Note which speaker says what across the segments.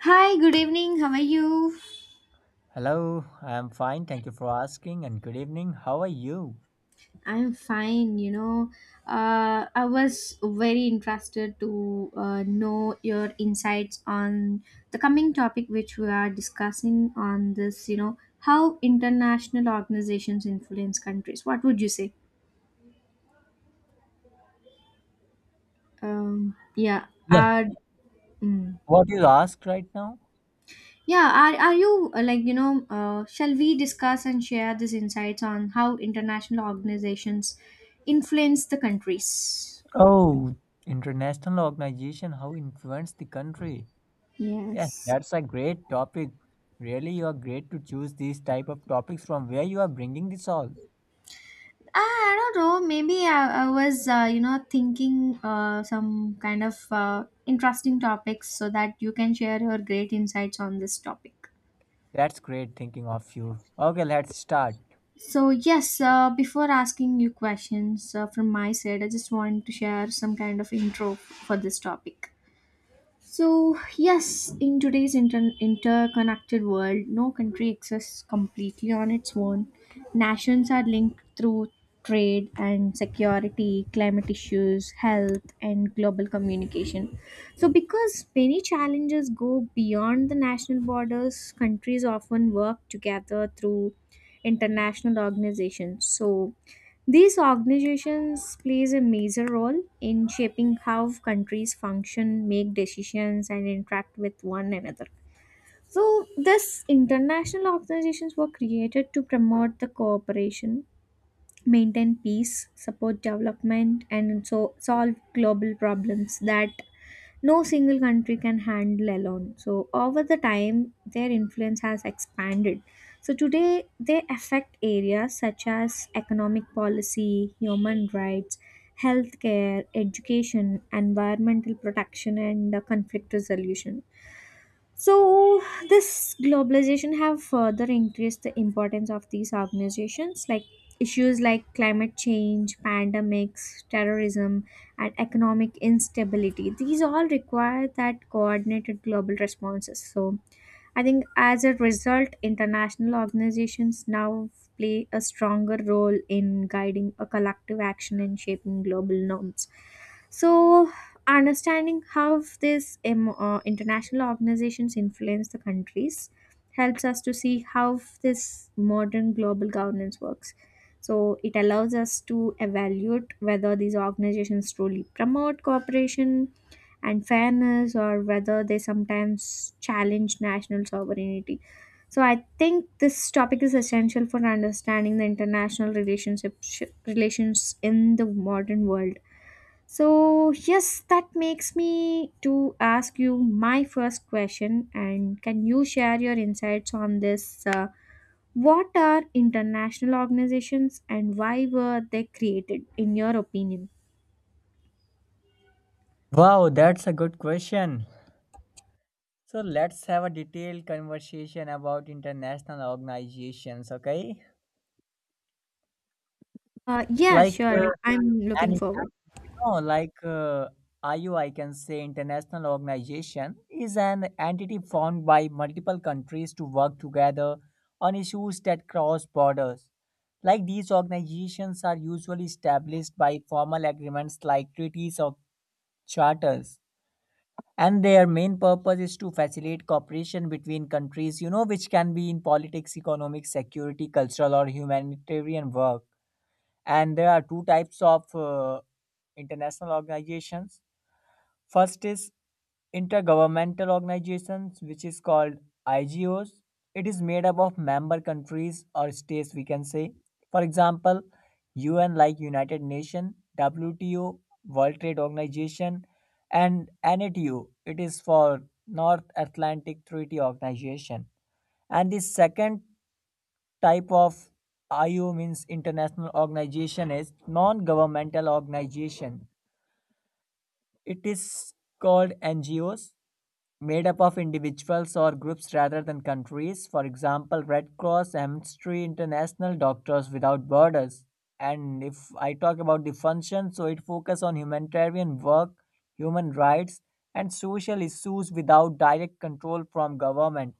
Speaker 1: Hi, good evening. How are you?
Speaker 2: Hello, I am fine. Thank you for asking and good evening. How are you?
Speaker 1: I'm fine. I was very interested to know your insights on the coming topic which we are discussing on this, how international organizations influence countries. What would you say? Um, yeah,
Speaker 2: Yeah.
Speaker 1: are, mm,
Speaker 2: What you asked right now?
Speaker 1: yeah, are you like, shall we discuss and share these insights on how international organizations influence the countries?
Speaker 2: Oh, International organization, how influence the country? Yes,
Speaker 1: Yes.
Speaker 2: that's a great topic. Really, you are great to choose these type of topics from where you are bringing this all.
Speaker 1: I don't know. Maybe I was, thinking some kind of interesting topics so that you can share your great insights on this topic.
Speaker 2: That's great thinking of you. Okay, let's start.
Speaker 1: So yes, before asking you questions from my side, I just want to share some kind of intro for this topic. So, yes, in today's interconnected world, no country exists completely on its own. Nations are linked through trade and security, climate issues, health, and global communication. So, because many challenges go beyond the national borders, countries often work together through international organizations. So, these organizations plays a major role in shaping how countries function, make decisions and interact with one another. So these international organizations were created to promote the cooperation, maintain peace, support development and so solve global problems that no single country can handle alone. So, over the time, their influence has expanded. So, today they affect areas such as economic policy, human rights, healthcare, education, environmental protection, and conflict resolution. So this globalization have further increased the importance of these organizations like issues like climate change, pandemics, terrorism and economic instability. These all require that coordinated global responses. So I think as a result, international organizations now play a stronger role in guiding a collective action and shaping global norms. So, understanding how these international organizations influence the countries helps us to see how this modern global governance works. So, it allows us to evaluate whether these organizations truly promote cooperation, and fairness or whether they sometimes challenge national sovereignty. So I think this topic is essential for understanding the international relations in the modern world. So yes, that makes me to ask you my first question, and can you share your insights on this? What are international organizations and why were they created, in your opinion?
Speaker 2: Wow, that's a good question. So let's have a detailed conversation about international organizations, okay?
Speaker 1: Yeah,
Speaker 2: Like
Speaker 1: sure.
Speaker 2: uh,
Speaker 1: I'm
Speaker 2: and
Speaker 1: looking forward.
Speaker 2: you know iu can say international organization is an entity formed by multiple countries to work together on issues that cross borders, like these organizations are usually established by formal agreements like treaties or charters. And their main purpose is to facilitate cooperation between countries, you know, which can be in politics, economic, security, cultural or humanitarian work. And there are two types of international organizations. First is intergovernmental organizations, which is called IGOs. It is made up of member countries or states, we can say. For example, UN, like united Nations, WTO, world trade organization, and NATO, it is for north atlantic treaty organization. And the second type of IO means international organization is non-governmental organization. It is called NGOs, made up of individuals or groups rather than countries. For example, Red Cross, Amnesty International, Doctors Without Borders. And if I talk about the function, so it focuses on humanitarian work, human rights, and social issues without direct control from government.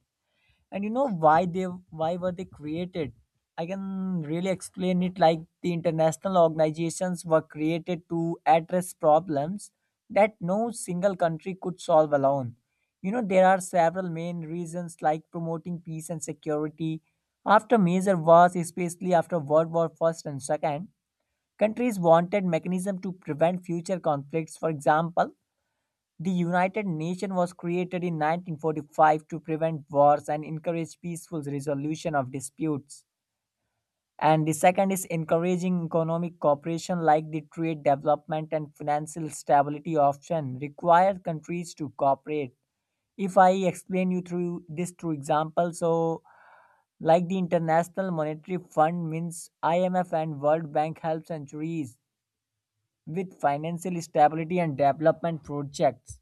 Speaker 2: And you know why were they created, I can really explain it. Like the international organizations were created to address problems that no single country could solve alone. You know, there are several main reasons, like promoting peace and security. After major wars, especially after world war first and second, countries wanted mechanism to prevent future conflicts. For example, the United Nations was created in 1945 to prevent wars and encourage peaceful resolution of disputes. And the second is encouraging economic cooperation, like the trade development and financial stability option require countries to cooperate. If I explain you through example, so like the International Monetary Fund means IMF and World Bank help centuries with financial stability and development projects.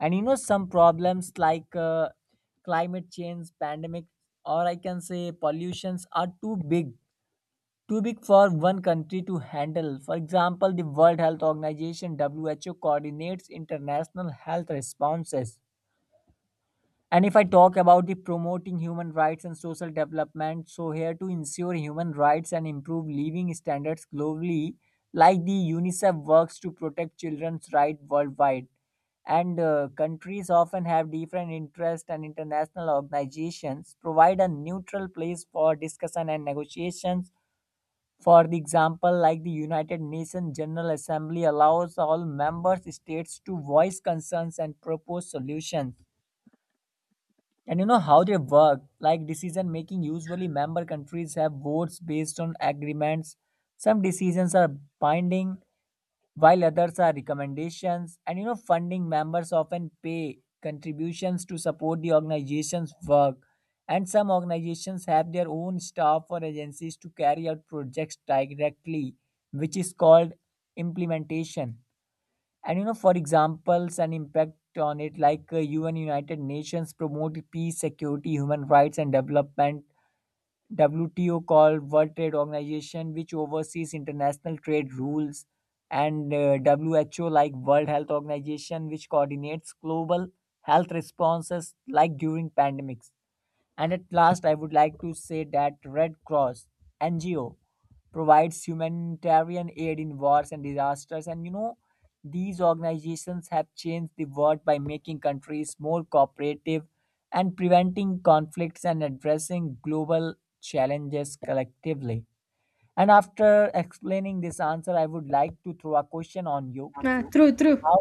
Speaker 2: And you know, some problems like climate change, pandemic, or I can say pollutions are too big for one country to handle. For example, the World Health Organization (WHO) coordinates international health responses. And if I talk about the promoting human rights and social development, so here to ensure human rights and improve living standards globally, like the UNICEF works to protect children's rights worldwide. And countries often have different interests, and international organizations provide a neutral place for discussion and negotiations. For the example, like the United Nations General Assembly allows all member states to voice concerns and propose solutions. And you know how they work, like decision making. Usually, member countries have votes based on agreements. Some decisions are binding, while others are recommendations. And you know, funding members often pay contributions to support the organization's work. And some organizations have their own staff or agencies to carry out projects directly, which is called implementation. And you know, for examples and impact on it, like UN united nations promote peace, security, human rights and development. WTO called world trade organization, which oversees international trade rules. And WHO, like world health organization, which coordinates global health responses, like during pandemics. And at last, I would like to say that Red Cross NGO provides humanitarian aid in wars and disasters. And you know, these organizations have changed the world by making countries more cooperative and preventing conflicts and addressing global challenges collectively. And after explaining this answer, I would like to throw a question on you.
Speaker 1: True, true.
Speaker 2: How,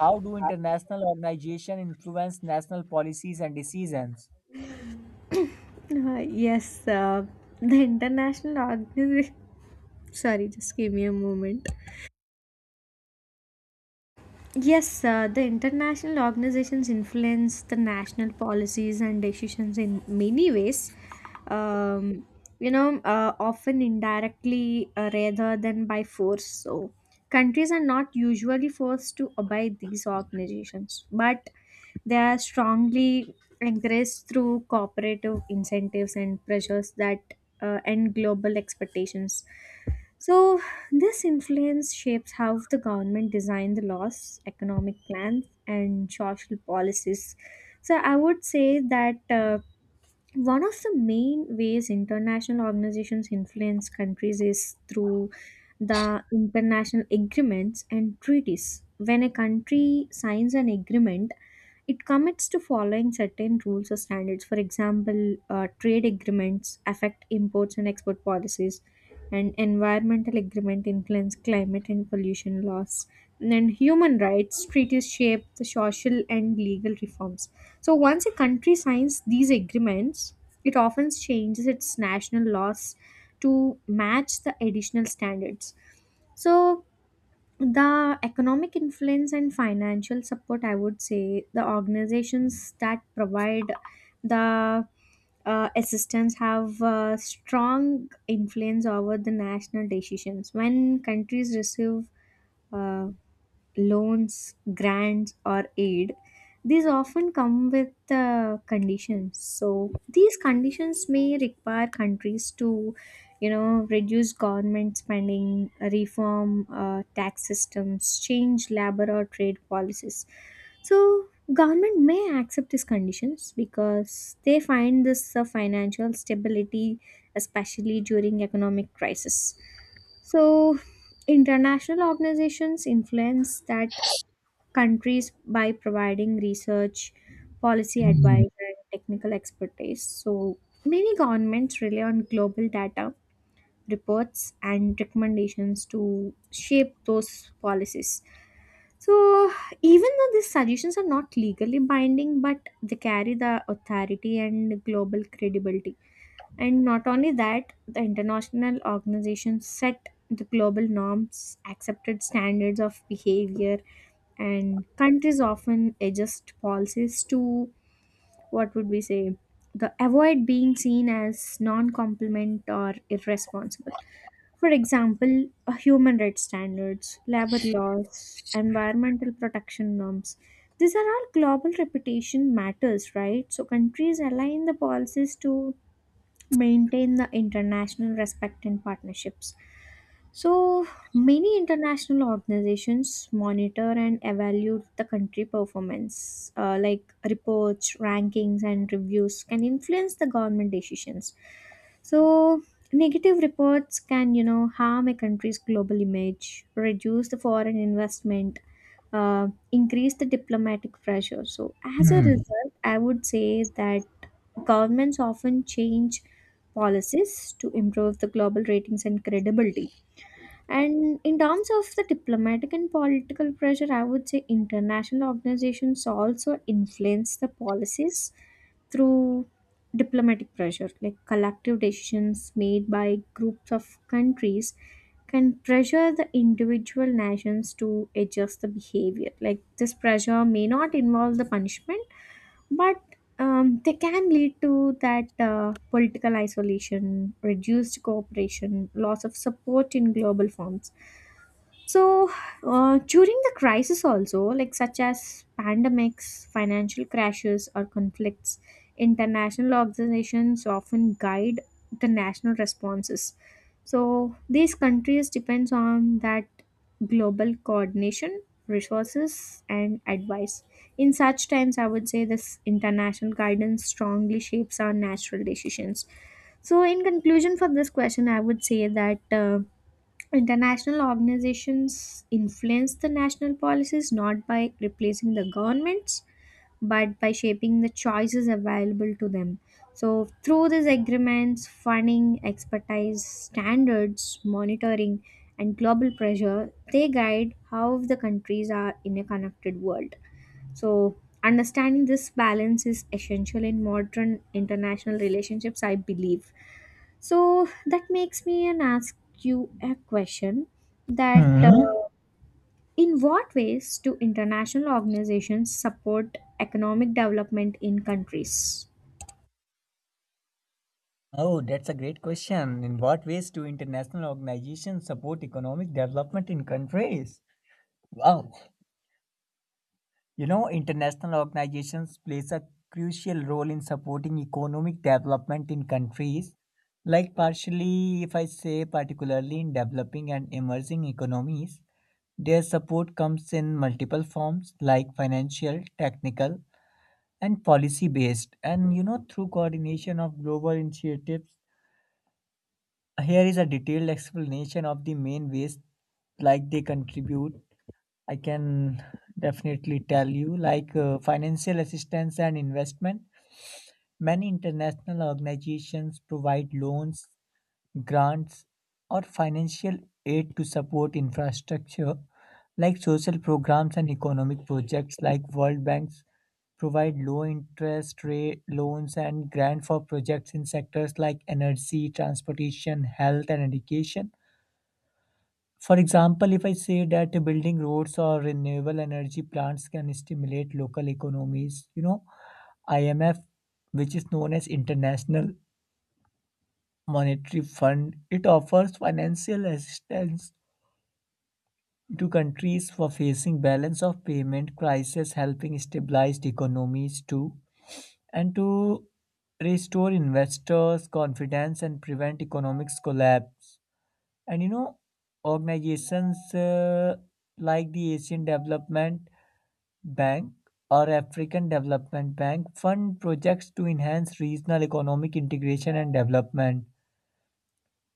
Speaker 2: how do international organizations influence national policies and decisions?
Speaker 1: Yes, the international organization. Sorry, just give me a moment. Yes, the international organizations influence the national policies and decisions in many ways. Um, often indirectly rather than by force. So, countries are not usually forced to obey these organizations, but they are strongly encouraged through cooperative incentives and pressures that and global expectations. So, this influence shapes how the government design the laws, economic plans, and social policies. So I would say that one of the main ways international organizations influence countries is through the international agreements and treaties. When a country signs an agreement, it commits to following certain rules or standards. For example, trade agreements affect imports and export policies, and environmental agreement influence climate and pollution laws. And human rights treaties shape the social and legal reforms so once a country signs these agreements, it often changes its national laws to match the additional standards. So the economic influence and financial support, I would say, the organizations that provide the assistance have strong influence over the national decisions. When countries receive uh, loans, grants, or aid, these often come with conditions. So these conditions may require countries to, reduce government spending, reform tax systems, change labor or trade policies. So government may accept these conditions because they find this financial stability, especially during economic crisis. So international organizations influence that countries by providing research, policy advice, and technical expertise. So, many governments rely on global data, reports, and recommendations to shape those policies. So, even though these suggestions are not legally binding, but they carry the authority and global credibility. And not only that, the international organizations set the global norms, accepted standards of behavior, and countries often adjust policies to, what would we say, the avoid being seen as non-compliant or irresponsible. For example, human rights standards, labor laws, environmental protection norms, these are all global reputation matters, right? So countries align the policies to maintain the international respect and partnerships. So, many international organizations monitor and evaluate the country performance, like reports, rankings, and reviews can influence the government decisions. So, negative reports can, harm a country's global image, reduce the foreign investment, increase the diplomatic pressure. So, as a
Speaker 2: Hmm.
Speaker 1: result, I would say that governments often change policies to improve the global ratings and credibility. And in terms of the diplomatic and political pressure, I would say international organizations also influence the policies through diplomatic pressure, like collective decisions made by groups of countries can pressure the individual nations to adjust the behavior. Like this pressure may not involve the punishment, but they can lead to that political isolation, reduced cooperation, loss of support in global forms. So, during the crisis, also, like such as pandemics, financial crashes, or conflicts, international organizations often guide the national responses. So, these countries depends on that global coordination, resources, and advice. In such times, I would say this international guidance strongly shapes our natural decisions. So, in conclusion for this question, I would say that, international organizations influence the national policies not by replacing the governments but by shaping the choices available to them. So, through these agreements, funding, expertise, standards, monitoring, and global pressure, they guide how the countries are in a connected world. So, understanding this balance is essential in modern international relationships, I believe. So, that makes me and ask you a question that,
Speaker 2: Hmm.
Speaker 1: in what ways do international organizations support economic development in countries?
Speaker 2: Oh, that's a great question. In what ways do international organizations support economic development in countries? Wow. You know, international organizations plays a crucial role in supporting economic development in countries. Like partially, if I say particularly in developing and emerging economies, their support comes in multiple forms like financial, technical, and policy based. And you know, through coordination of global initiatives. Here is a detailed explanation of the main ways like they contribute. I can definitely tell you, like financial assistance and investment. Many international organizations provide loans, grants, or financial aid to support infrastructure, like social programs and economic projects, like World Banks provide low interest rate loans and grant for projects in sectors like energy, transportation, health, and education. For example, if I say that building roads or renewable energy plants can stimulate local economies. You know, IMF, which is known as International Monetary Fund, it offers financial assistance to countries for facing balance of payment crisis, helping stabilize economies too, and to restore investors' confidence and prevent economic collapse. And you know, organizations like the Asian Development Bank, or African Development Bank, fund projects to enhance regional economic integration and development.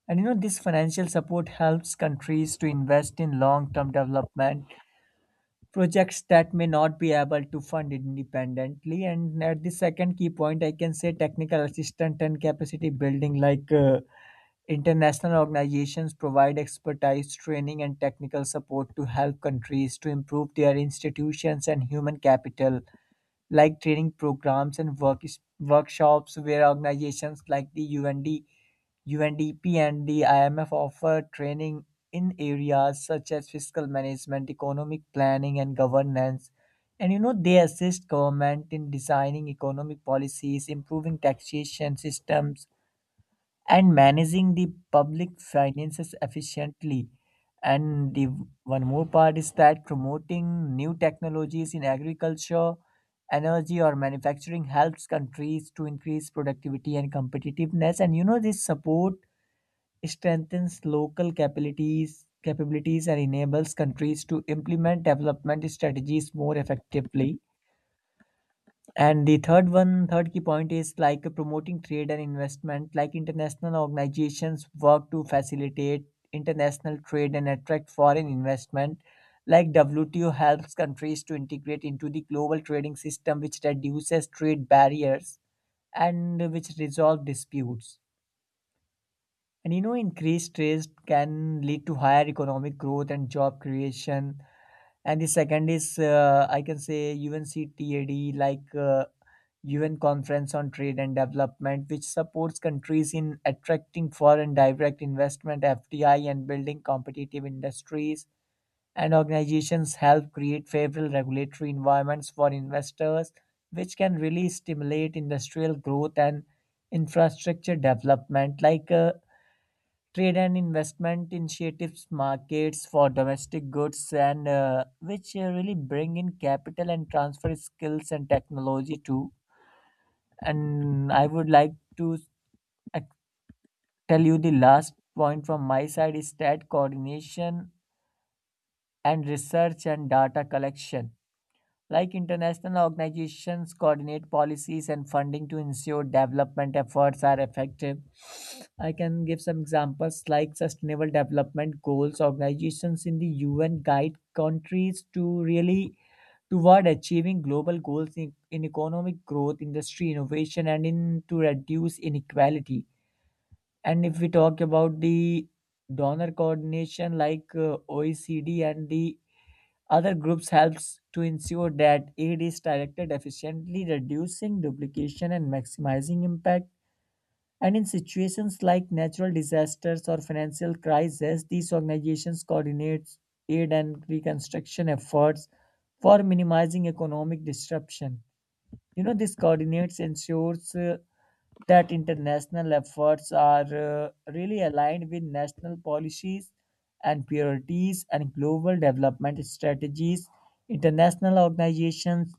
Speaker 2: And you know, this financial support helps countries to invest in long term development projects that may not be able to fund independently. And at the second key point, I can say technical assistance and capacity building, like international organizations provide expertise, training, and technical support to help countries to improve their institutions and human capital, like training programs and workshops where organizations like the UND, UNDP and the IMF offer training in areas such as fiscal management, economic planning and governance. And you know, they assist government in designing economic policies, improving taxation systems and managing the public finances efficiently. And the one more part is that promoting new technologies in agriculture, energy, or manufacturing helps countries to increase productivity and competitiveness. And you know, this support strengthens local capabilities and enables countries to implement development strategies more effectively. And the third one, third key point is like promoting trade and investment. Like international organizations work to facilitate international trade and attract foreign investment. Like WTO helps countries to integrate into the global trading system, which reduces trade barriers and which resolve disputes. And you know, increased trade can lead to higher economic growth and job creation. And the second is, I can say, UNCTAD, like UN Conference on Trade and Development, which supports countries in attracting foreign direct investment (FDI) and building competitive industries. And organizations help create favorable regulatory environments for investors, which can really stimulate industrial growth and infrastructure development. Like trade and investment initiatives markets for domestic goods and which really bring in capital and transfer skills and technology too. And I would like to ac- tell you the last point from my side is that coordination and research and data collection. Like international organizations coordinate policies and funding to ensure development efforts are effective. I can give some examples like sustainable development goals. Organizations in the UN guide countries to really toward achieving global goals in economic growth, industry innovation, and in to reduce inequality. And if we talk about the donor coordination, like OECD and the other groups helps to ensure that aid is directed efficiently, reducing duplication and maximizing impact. And in situations like natural disasters or financial crises, these organizations coordinate aid and reconstruction efforts for minimizing economic disruption. You know, this coordinates ensures that international efforts are really aligned with national policies and priorities and global development strategies. International organizations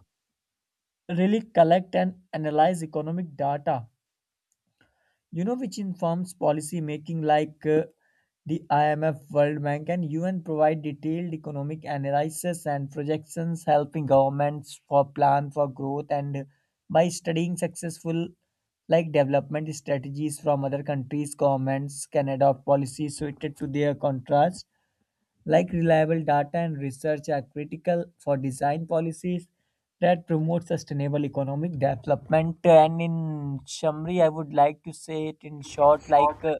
Speaker 2: really collect and analyze economic data, you know, which informs policy making, like the IMF, World Bank, and UN provide detailed economic analysis and projections, helping governments for plan for growth. And by studying successful like development strategies from other countries, governments can adopt policies suited to their contrast, like reliable data and research are critical for design policies that promote sustainable economic development. And in summary, I would like to say it in short, like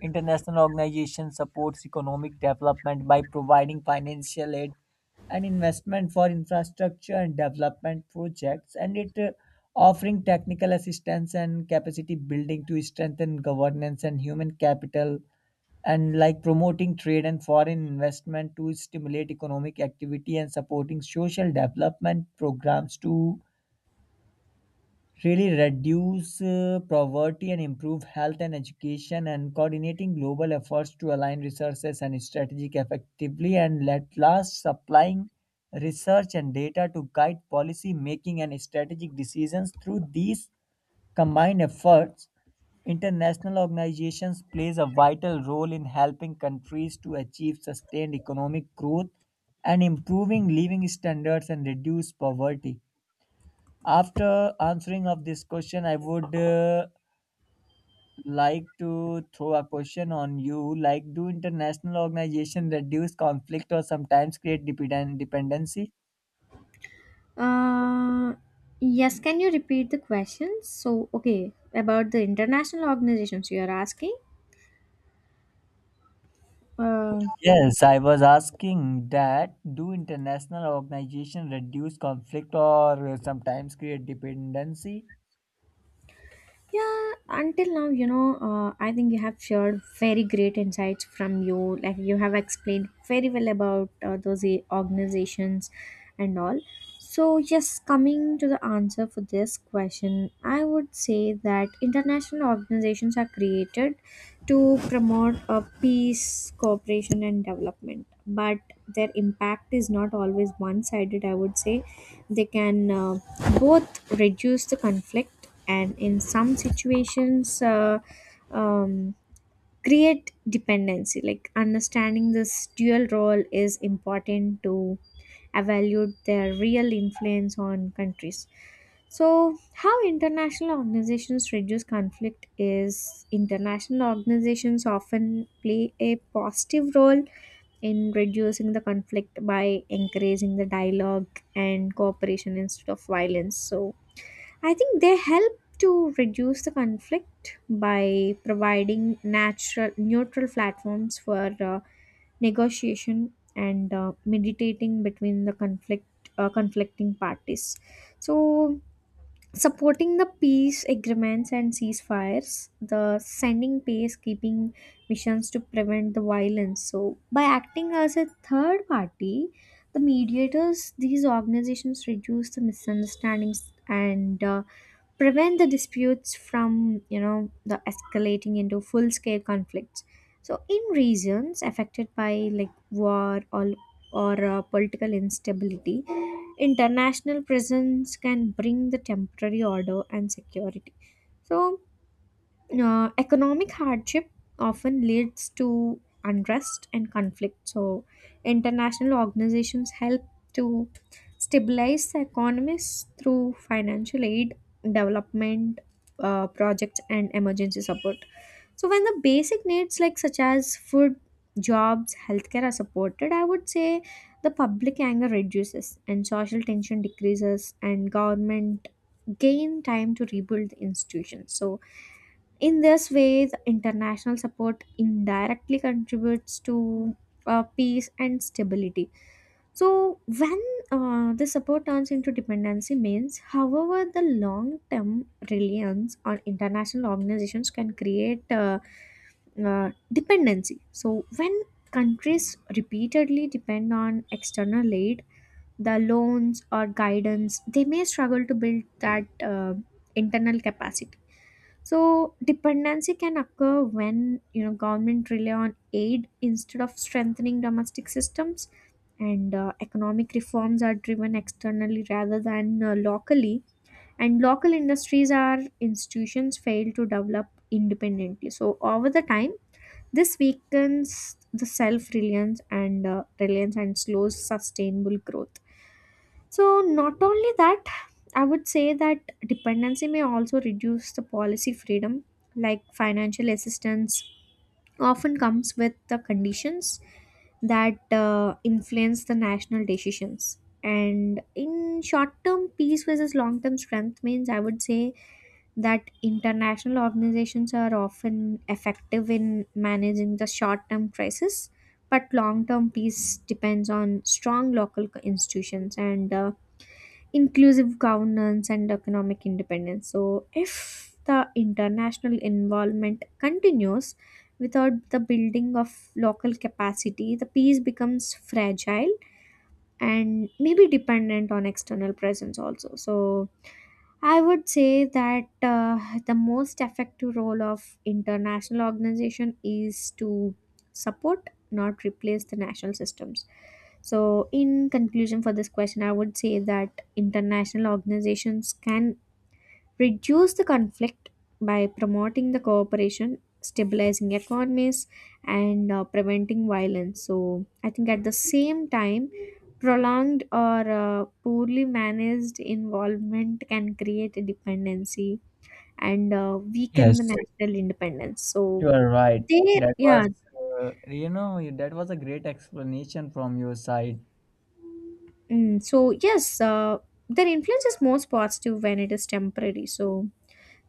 Speaker 2: international organization supports economic development by providing financial aid and investment for infrastructure and development projects, and it offering technical assistance and capacity building to strengthen governance and human capital, and like promoting trade and foreign investment to stimulate economic activity, and supporting social development programs to really reduce poverty and improve health and education, and coordinating global efforts to align resources and strategic effectively, and at last supplying research and data to guide policy making and strategic decisions through these combined efforts. International organizations plays a vital role in helping countries to achieve sustained economic growth and improving living standards and reduce poverty. After answering of this question, I would like to throw a question on you. Like, do international organizations reduce conflict or sometimes create dependency?
Speaker 1: Uh, yes, can you repeat the question? So, okay, about the international organizations you are asking? Uh,
Speaker 2: Yes, I was asking that do international organizations reduce conflict or sometimes create dependency?
Speaker 1: Yeah, until now, I think you have shared very great insights from you. Like you have explained very well about those organizations and all. So, yes, coming to the answer for this question, I would say that international organizations are created to promote peace, cooperation, and development. But their impact is not always one sided, I would say. They can both reduce the conflict and in some situations um, create dependency. Like understanding this dual role is important to evaluate their real influence on countries. So how international organizations reduce conflict is international organizations often play a positive role in reducing the conflict by encouraging the dialogue and cooperation instead of violence. So I think they help to reduce the conflict by providing natural neutral platforms for negotiation and meditating between the conflicting parties. So supporting the peace agreements and ceasefires, the sending peacekeeping missions to prevent the violence. So by acting as a third party, the mediators these organizations reduce the misunderstandings and prevent the disputes from you know the escalating into full scale conflicts. So in regions affected by, like, war or political instability, international presence can bring the temporary order and security. So, economic hardship often leads to unrest and conflict. So, international organizations help to stabilize the economies through financial aid, development projects, and emergency support. So, when the basic needs like such as food, jobs, healthcare are supported, I would say the public anger reduces and social tension decreases, and government gain time to rebuild the institutions. So in this way, the international support indirectly contributes to peace and stability. So when the support turns into dependency means, however, the long-term reliance on international organizations can create dependency. So when countries repeatedly depend on external aid, the loans or guidance, they may struggle to build that internal capacity. So dependency can occur when government rely on aid instead of strengthening domestic systems, and economic reforms are driven externally rather than locally, and local industries or institutions fail to develop independently. So over the time this weakens the self-reliance and slows sustainable growth. So not only that, I would say that dependency may also reduce the policy freedom, like financial assistance often comes with the conditions that influence the national decisions. And in short term peace versus long term strength means, I would say that international organizations are often effective in managing the short term crisis, but long term peace depends on strong local institutions and inclusive governance and economic independence. So, if the international involvement continues without the building of local capacity, the peace becomes fragile and maybe dependent on external presence also. So, I would say that the most effective role of international organization is to support, not replace the national systems. So, in conclusion for this question, I would say that international organizations can reduce the conflict by promoting the cooperation, stabilizing economies, and preventing violence. So I think at the same time, prolonged or poorly managed involvement can create a dependency and weaken
Speaker 2: Yes,
Speaker 1: the national independence. so
Speaker 2: you are right.
Speaker 1: there
Speaker 2: That
Speaker 1: yeah
Speaker 2: was, you know, that was a great explanation from your side.
Speaker 1: Mm. So yes, their influence is most positive when it is temporary, so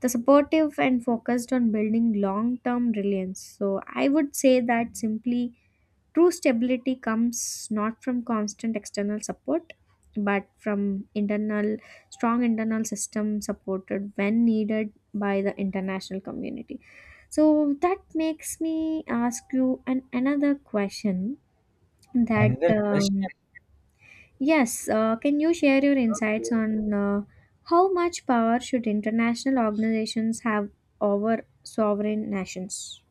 Speaker 1: the supportive and focused on building long term reliance. So, I would say that simply true stability comes not from constant external support but from internal strong internal system supported when needed by the international community. So that makes me ask you an another question that,
Speaker 2: Another question.
Speaker 1: Yes, can you share your insights on how much power should international organizations have over sovereign nations?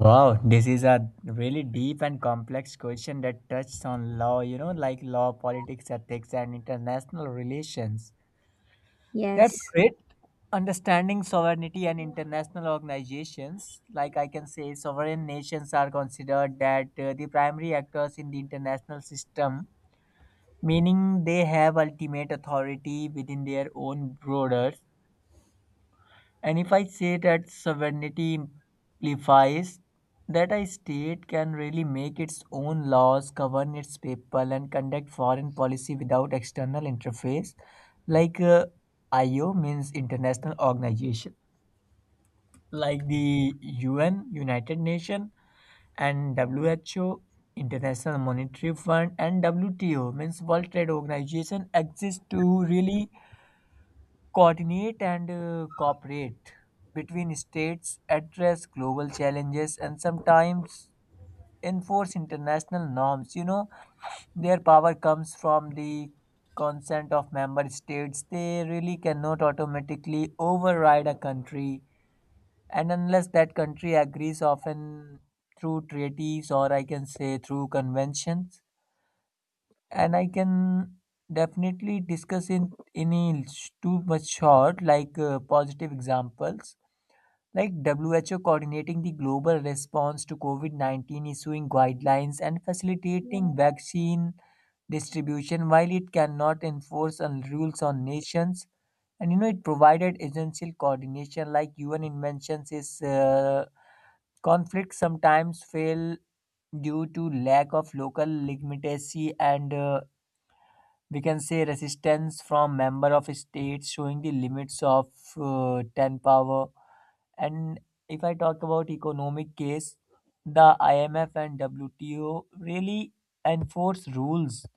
Speaker 2: Wow, this is a really deep and complex question that touches on law, you know, like law, politics, ethics, and international relations. That's
Speaker 1: Yes,
Speaker 2: great understanding sovereignty and international organizations, like I can say sovereign nations are considered that the primary actors in the international system, meaning they have ultimate authority within their own borders. And if I say that sovereignty implies that a state can really make its own laws, govern its people and conduct foreign policy without external interface, like IO means international organization like the UN, United Nations, and WHO, International Monetary Fund, and WTO, means World Trade Organization, exist to really coordinate and cooperate between states, address global challenges, and sometimes enforce international norms. You know, their power comes from the consent of member states. They really cannot automatically override a country, and unless that country agrees, often through treaties or I can say through conventions. And I can definitely discuss in any too much short, like positive examples like WHO coordinating the global response to COVID-19, issuing guidelines and facilitating vaccine distribution, while it cannot enforce rules on nations. And you know, it provided essential coordination, like UN inventions is Conflicts sometimes fail due to lack of local legitimacy and we can say resistance from member of states, showing the limits of 10 power. And if I talk about economic case, the IMF and WTO really enforce rules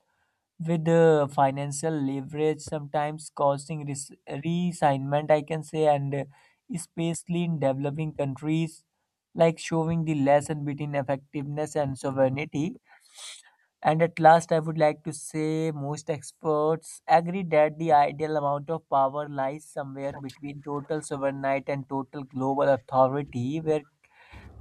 Speaker 2: with financial leverage, sometimes causing resignment, I can say, and especially in developing countries, like showing the lesson between effectiveness and sovereignty. And at last, I would like to say most experts agree that the ideal amount of power lies somewhere between total sovereignty and total global authority, where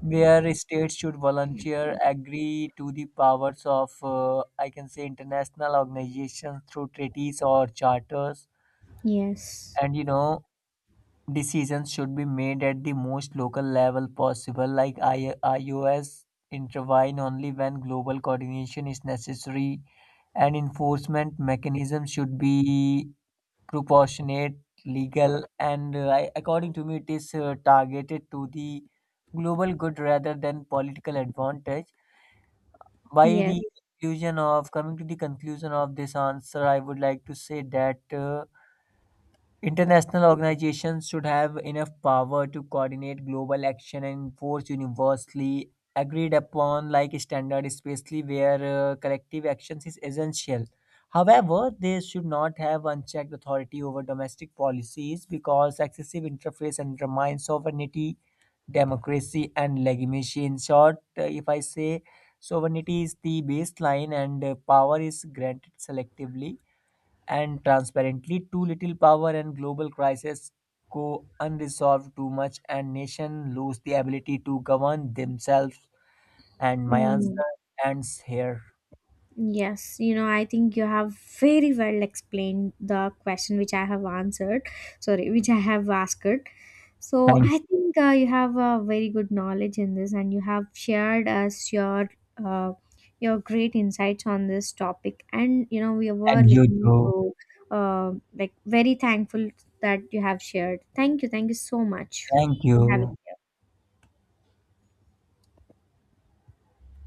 Speaker 2: states should volunteer agree to the powers of I can say international organizations through treaties or charters.
Speaker 1: yes,
Speaker 2: And you know, decisions should be made at the most local level possible, like IOs intervene only when global coordination is necessary. And enforcement mechanisms should be proportionate, legal and according to me it is targeted to the global good rather than political advantage. By the
Speaker 1: yes.
Speaker 2: conclusion of coming to the conclusion of this answer, I would like to say that international organizations should have enough power to coordinate global action and enforce universally agreed upon like standard, especially where collective actions is essential. However, they should not have unchecked authority over domestic policies because excessive interference undermines sovereignty, democracy and legitimacy. In short, if I say sovereignty is the baseline and power is granted selectively and transparently. Too little power and global crisis go unresolved, too much and nation lose the ability to govern themselves. And my
Speaker 1: Mm.
Speaker 2: answer ends here.
Speaker 1: Yes, I think you have very well explained the question which I have answered, sorry, which I have asked. So
Speaker 2: Thank
Speaker 1: I
Speaker 2: you.
Speaker 1: think you have a very good knowledge in this, and you have shared us uh, your great insights on this topic. We were
Speaker 2: And you
Speaker 1: looking
Speaker 2: too.
Speaker 1: to uh, like very thankful that you have shared. Thank you so much
Speaker 2: Thank
Speaker 1: for having
Speaker 2: you.
Speaker 1: me.